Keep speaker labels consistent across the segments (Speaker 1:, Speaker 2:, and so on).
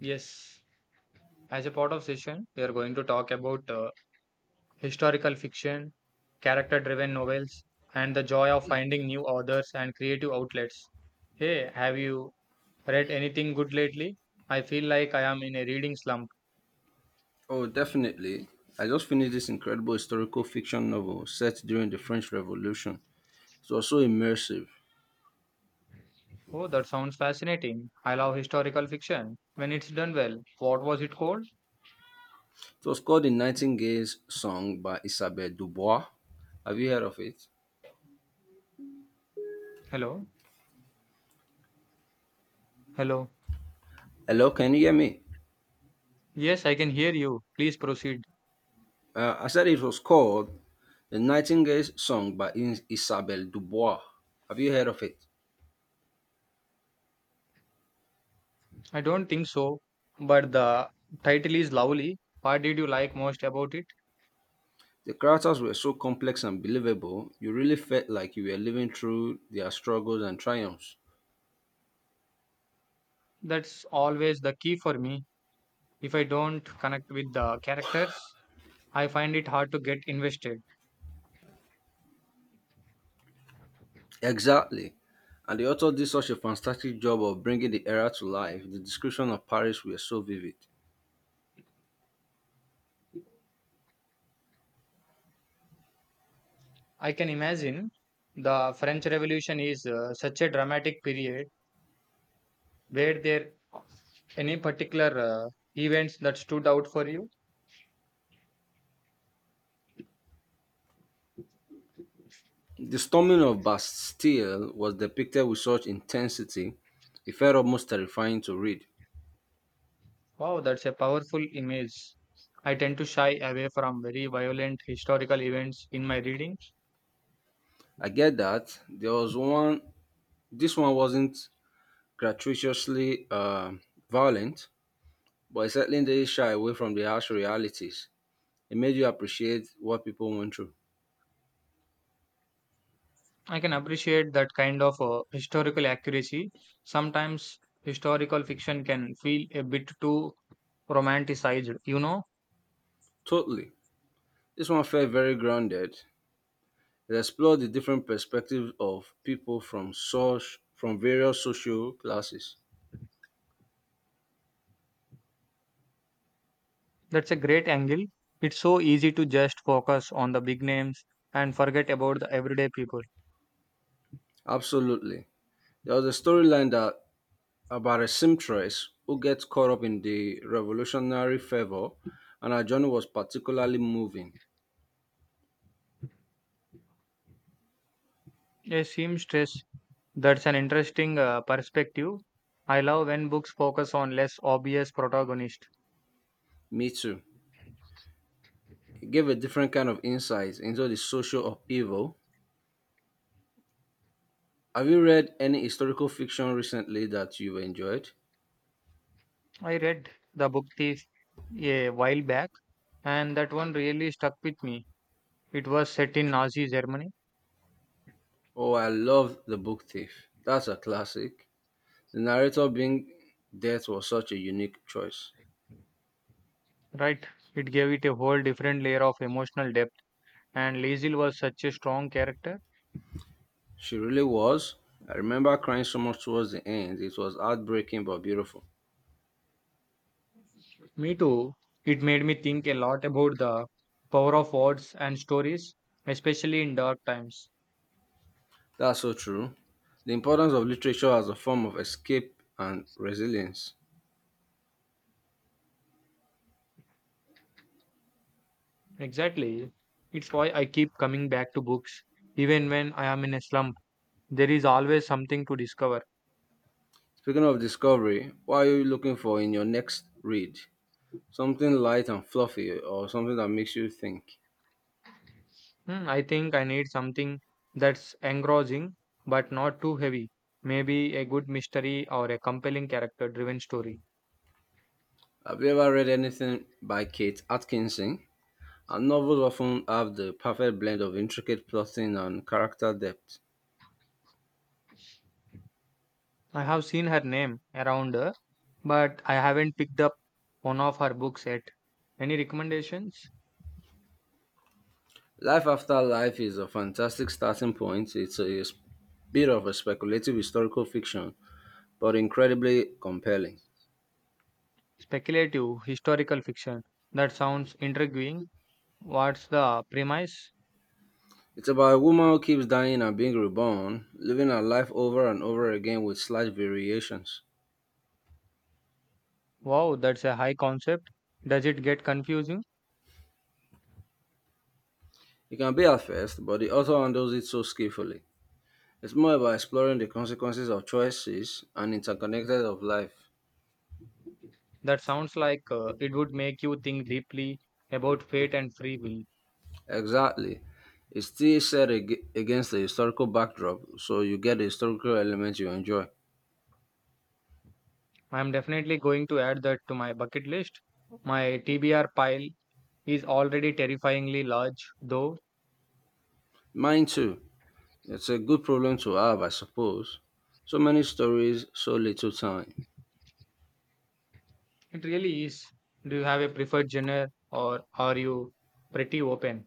Speaker 1: Yes, as a part of session, we are going to talk about historical fiction, character-driven novels, and the joy of finding new authors and creative outlets. Hey, have you read anything good lately? I feel like I am in a reading slump.
Speaker 2: Oh, definitely. I just finished this incredible historical fiction novel set during the French Revolution. It was so immersive.
Speaker 1: Oh, that sounds fascinating. I love historical fiction when it's done well. What was it called?
Speaker 2: It was called The Nightingale's Song by Isabelle Dubois. Have you heard of it?
Speaker 1: Hello? Hello?
Speaker 2: Hello, can you hear me?
Speaker 1: Yes, I can hear you. Please proceed.
Speaker 2: I said it was called The Nightingale's Song by Isabelle Dubois. Have you heard of it?
Speaker 1: I don't think so, but the title is lovely. What did you like most about it?
Speaker 2: The characters were so complex and believable, you really felt like you were living through their struggles and triumphs.
Speaker 1: That's always the key for me. If I don't connect with the characters, I find it hard to get invested.
Speaker 2: Exactly. And the author did such a fantastic job of bringing the era to life. The description of Paris were so vivid.
Speaker 1: I can imagine the French Revolution is such a dramatic period. Were there any particular events that stood out for you?
Speaker 2: The storming of Bastille was depicted with such intensity, it felt almost terrifying to read.
Speaker 1: Wow, that's a powerful image. I tend to shy away from very violent historical events in my reading.
Speaker 2: I get that. There was one, this one wasn't gratuitously violent, but it certainly didn't shy away from the harsh realities. It made you appreciate what people went through.
Speaker 1: I can appreciate that kind of historical accuracy. Sometimes historical fiction can feel a bit too romanticized, you know?
Speaker 2: Totally. This one felt very grounded. It explored the different perspectives of people from such from various social classes.
Speaker 1: That's a great angle. It's so easy to just focus on the big names and forget about the everyday people.
Speaker 2: Absolutely. There was a storyline that about a seamstress who gets caught up in the revolutionary fervor, and her journey was particularly moving.
Speaker 1: A seamstress, that's an interesting perspective. I love when books focus on less obvious protagonists.
Speaker 2: Me too. It gave a different kind of insight into the social upheaval. Have you read any historical fiction recently that you've enjoyed?
Speaker 1: I read The Book Thief a while back, and that one really stuck with me. It was set in Nazi Germany.
Speaker 2: Oh, I love The Book Thief. That's a classic. The narrator being death was such a unique choice.
Speaker 1: Right, it gave it a whole different layer of emotional depth, and Lazil was such a strong character.
Speaker 2: She really was. I remember crying so much towards the end. It was heartbreaking but beautiful.
Speaker 1: Me too. It made me think a lot about the power of words and stories, especially in dark times.
Speaker 2: That's so true. The importance of literature as a form of escape and resilience.
Speaker 1: Exactly. It's why I keep coming back to books. Even when I am in a slump, there is always something to discover.
Speaker 2: Speaking of discovery, what are you looking for in your next read? Something light and fluffy or something that makes you think.
Speaker 1: Hmm, I think I need something that's engrossing but not too heavy. Maybe a good mystery or a compelling character driven story.
Speaker 2: Have you ever read anything by Kate Atkinson? Her novels often have the perfect blend of intricate plotting and character depth.
Speaker 1: I have seen her name around, but I haven't picked up one of her books yet. Any recommendations?
Speaker 2: Life After Life is a fantastic starting point. It's a bit of a speculative historical fiction, but incredibly compelling.
Speaker 1: Speculative historical fiction. That sounds intriguing. What's the premise?
Speaker 2: It's about a woman who keeps dying and being reborn, living her life over and over again with slight variations.
Speaker 1: Wow, that's a high concept. Does it get confusing?
Speaker 2: It can be at first, but the author handles it so skillfully. It's more about exploring the consequences of choices and interconnected of life.
Speaker 1: That sounds like it would make you think deeply about fate and free will.
Speaker 2: Exactly. It's still set against the historical backdrop, so you get the historical element you enjoy.
Speaker 1: I'm definitely going to add that to my bucket list. My TBR pile is already terrifyingly large, though.
Speaker 2: Mine too. It's a good problem to have, I suppose. So many stories, so little time.
Speaker 1: It really is. Do you have a preferred genre or are you pretty open?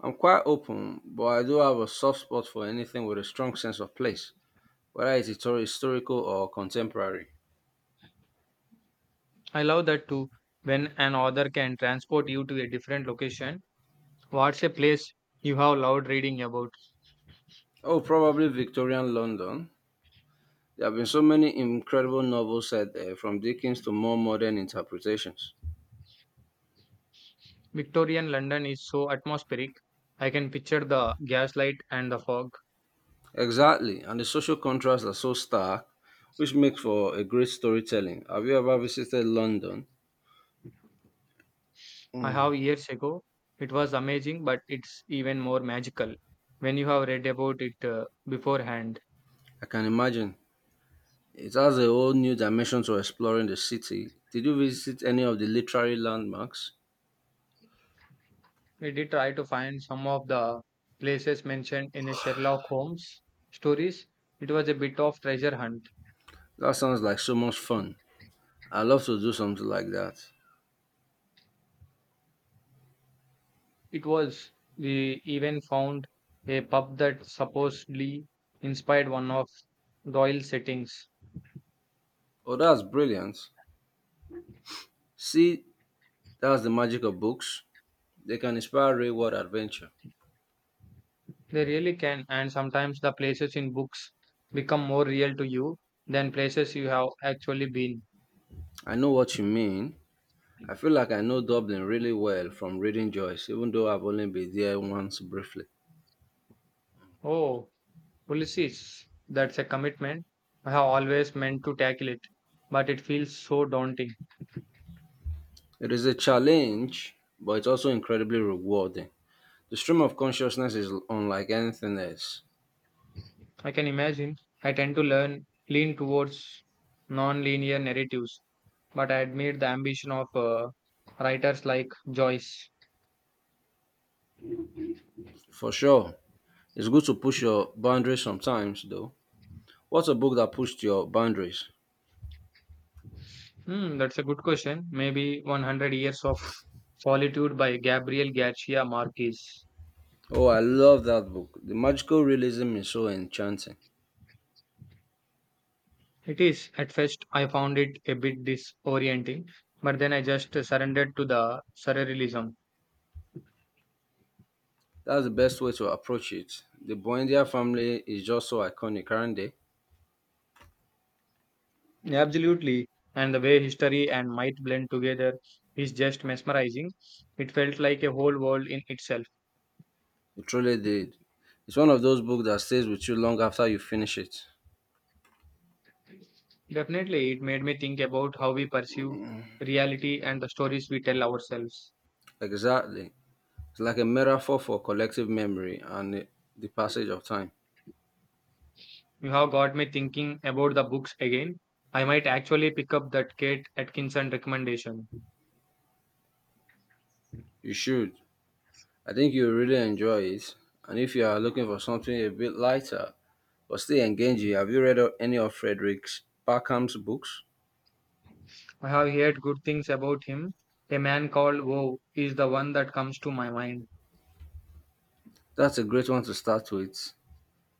Speaker 2: I'm quite open, but I do have a soft spot for anything with a strong sense of place, whether it's historical or contemporary.
Speaker 1: I love that too. When an author can transport you to a different location, what's a place you have loved reading about?
Speaker 2: Oh, probably Victorian London. There have been so many incredible novels set there, from Dickens to more modern interpretations.
Speaker 1: Victorian London is so atmospheric. I can picture the gaslight and the fog.
Speaker 2: Exactly, and the social contrasts are so stark, which makes for a great storytelling. Have you ever visited London?
Speaker 1: I have years ago. It was amazing, but it's even more magical when you have read about it beforehand.
Speaker 2: I can imagine. It has a whole new dimension to exploring the city. Did you visit any of the literary landmarks?
Speaker 1: We did try to find some of the places mentioned in Sherlock Holmes stories. It was a bit of treasure hunt.
Speaker 2: That sounds like so much fun. I'd love to do something like that.
Speaker 1: It was. We even found a pub that supposedly inspired one of Doyle's settings.
Speaker 2: Oh, that's brilliant. See, that's the magic of books. They can inspire real world adventure.
Speaker 1: They really can, and sometimes the places in books become more real to you than places you have actually been.
Speaker 2: I know what you mean. I feel like I know Dublin really well from reading Joyce, even though I've only been there once briefly.
Speaker 1: Oh, Ulysses, that's a commitment. I have always meant to tackle it, but it feels so daunting.
Speaker 2: It is a challenge, but it's also incredibly rewarding. The stream of consciousness is unlike anything else.
Speaker 1: I can imagine. I tend to learn lean towards non-linear narratives, but I admire the ambition of writers like Joyce.
Speaker 2: For sure. It's good to push your boundaries sometimes, though. What's a book that pushed your boundaries?
Speaker 1: Hmm, that's a good question. Maybe 100 Years of Solitude by Gabriel Garcia Marquez.
Speaker 2: Oh, I love that book. The magical realism is so enchanting.
Speaker 1: It is. At first, I found it a bit disorienting, but then I just surrendered to the surrealism.
Speaker 2: That's the best way to approach it. The Buendia family is just so iconic, aren't they?
Speaker 1: Absolutely. And the way history and might blend together is just mesmerizing. It felt like a whole world in itself.
Speaker 2: It truly did. It's one of those books that stays with you long after you finish it.
Speaker 1: Definitely, it made me think about how we perceive reality and the stories we tell ourselves.
Speaker 2: Exactly. It's like a metaphor for collective memory and the passage of time.
Speaker 1: You have got me thinking about the books again. I might actually pick up that Kate Atkinson recommendation.
Speaker 2: You should. I think you'll really enjoy it. And if you are looking for something a bit lighter but still engaging, have you read any of Frederick Barkham's books?
Speaker 1: I have heard good things about him. A Man Called Woe is the one that comes to my mind.
Speaker 2: That's a great one to start with.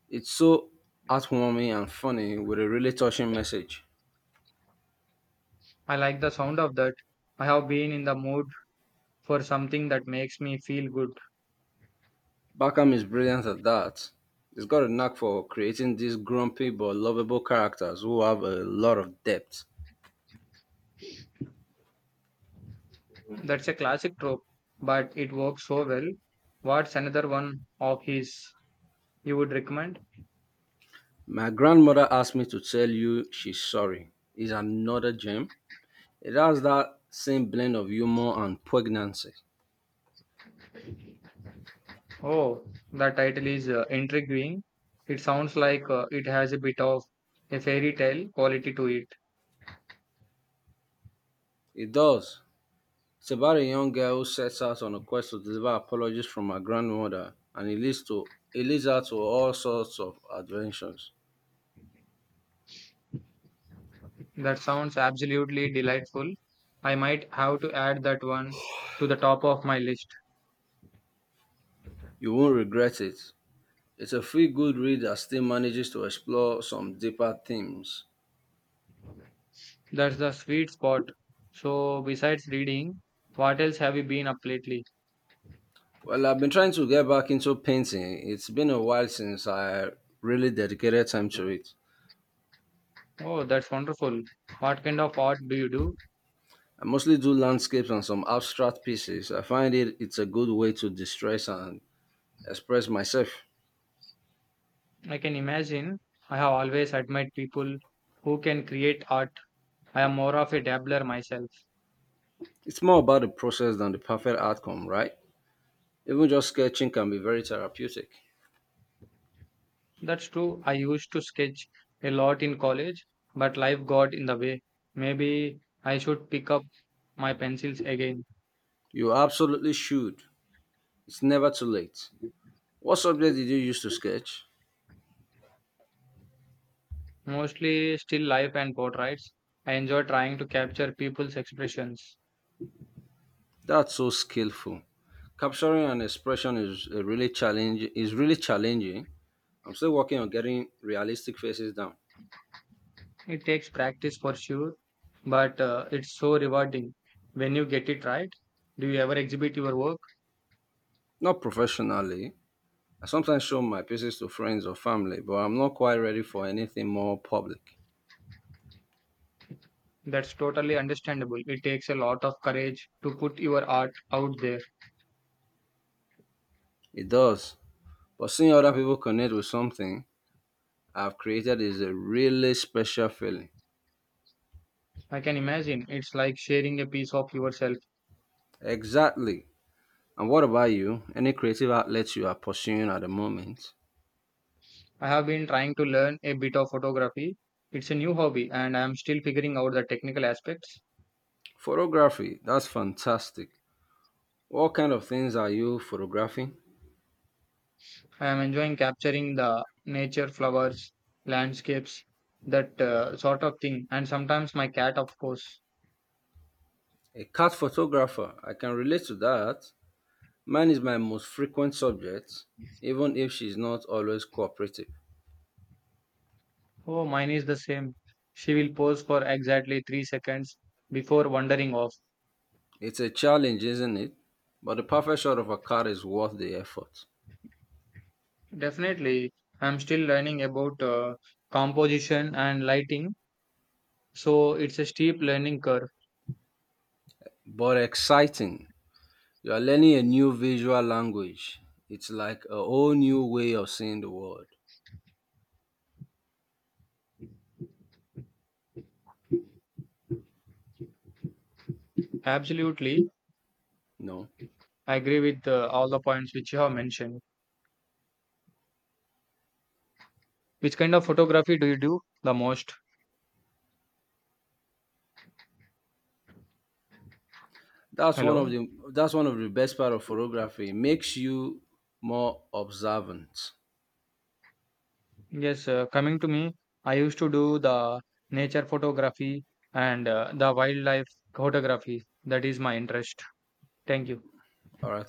Speaker 2: It's so heartwarming and funny with a really touching message.
Speaker 1: I like the sound of that. I have been in the mood for something that makes me feel good.
Speaker 2: Barkham is brilliant at that. He's got a knack for creating these grumpy but lovable characters who have a lot of depth.
Speaker 1: That's a classic trope, but it works so well. What's another one of his you would recommend?
Speaker 2: My grandmother asked me to tell you she's sorry. Is another gem. It has that same blend of humor and poignancy.
Speaker 1: Oh, the title is intriguing. It sounds like it has a bit of a fairy tale quality to it.
Speaker 2: It does. It's about a young girl who sets out on a quest to deliver apologies from her grandmother, and it leads her to all sorts of adventures.
Speaker 1: That sounds absolutely delightful. I might have to add that one to the top of my list.
Speaker 2: You won't regret it. It's a feel-good read that still manages to explore some deeper themes.
Speaker 1: That's the sweet spot. So, besides reading, what else have you been up lately?
Speaker 2: Well, I've been trying to get back into painting. It's been a while since I really dedicated time to it.
Speaker 1: Oh, that's wonderful. What kind of art do you do?
Speaker 2: I mostly do landscapes and some abstract pieces. I find it's a good way to distress and express myself.
Speaker 1: I can imagine. I have always admired people who can create art. I am more of a dabbler myself.
Speaker 2: It's more about the process than the perfect outcome, right? Even just sketching can be very therapeutic.
Speaker 1: That's true. I used to sketch a lot in college, but life got in the way. Maybe I should pick up my pencils again.
Speaker 2: You absolutely should. It's never too late. What subject did you use to sketch?
Speaker 1: Mostly still life and portraits. I enjoy trying to capture people's expressions.
Speaker 2: That's so skillful. Capturing an expression is a really challenge Is really challenging. I'm still working on getting realistic faces down.
Speaker 1: It takes practice for sure, but it's so rewarding when you get it right. Do you ever exhibit your work?
Speaker 2: Not professionally. I sometimes show my pieces to friends or family, but I'm not quite ready for anything more public.
Speaker 1: That's totally understandable. It takes a lot of courage to put your art out there.
Speaker 2: It does. But seeing other people connect with something I've created is a really special feeling.
Speaker 1: I can imagine it's like sharing a piece of yourself.
Speaker 2: Exactly. And what about you? Any creative outlets you are pursuing at the moment?
Speaker 1: I have been trying to learn a bit of photography. It's a new hobby and I am still figuring out the technical aspects.
Speaker 2: Photography, that's fantastic. What kind of things are you photographing?
Speaker 1: I am enjoying capturing the nature, flowers, landscapes, that sort of thing. And sometimes my cat, of course.
Speaker 2: A cat photographer, I can relate to that. Mine is my most frequent subject, even if she's not always cooperative.
Speaker 1: Oh, mine is the same. She will pose for exactly 3 seconds before wandering off.
Speaker 2: It's a challenge, isn't it? But the perfect shot of a cat is worth the effort.
Speaker 1: Definitely, I'm still learning about composition and lighting. So it's a steep learning curve.
Speaker 2: But exciting. You are learning a new visual language. It's like a whole new way of seeing the world.
Speaker 1: Absolutely,
Speaker 2: You know,
Speaker 1: I agree with all the points which you have mentioned. Which kind of photography do you do the most?
Speaker 2: that's one of
Speaker 1: Hello.
Speaker 2: the that's one of the best part of photography. It makes you more observant.
Speaker 1: Yes, coming to me, I used to do the nature photography and the wildlife photography. That is my interest. Thank you.
Speaker 2: All right.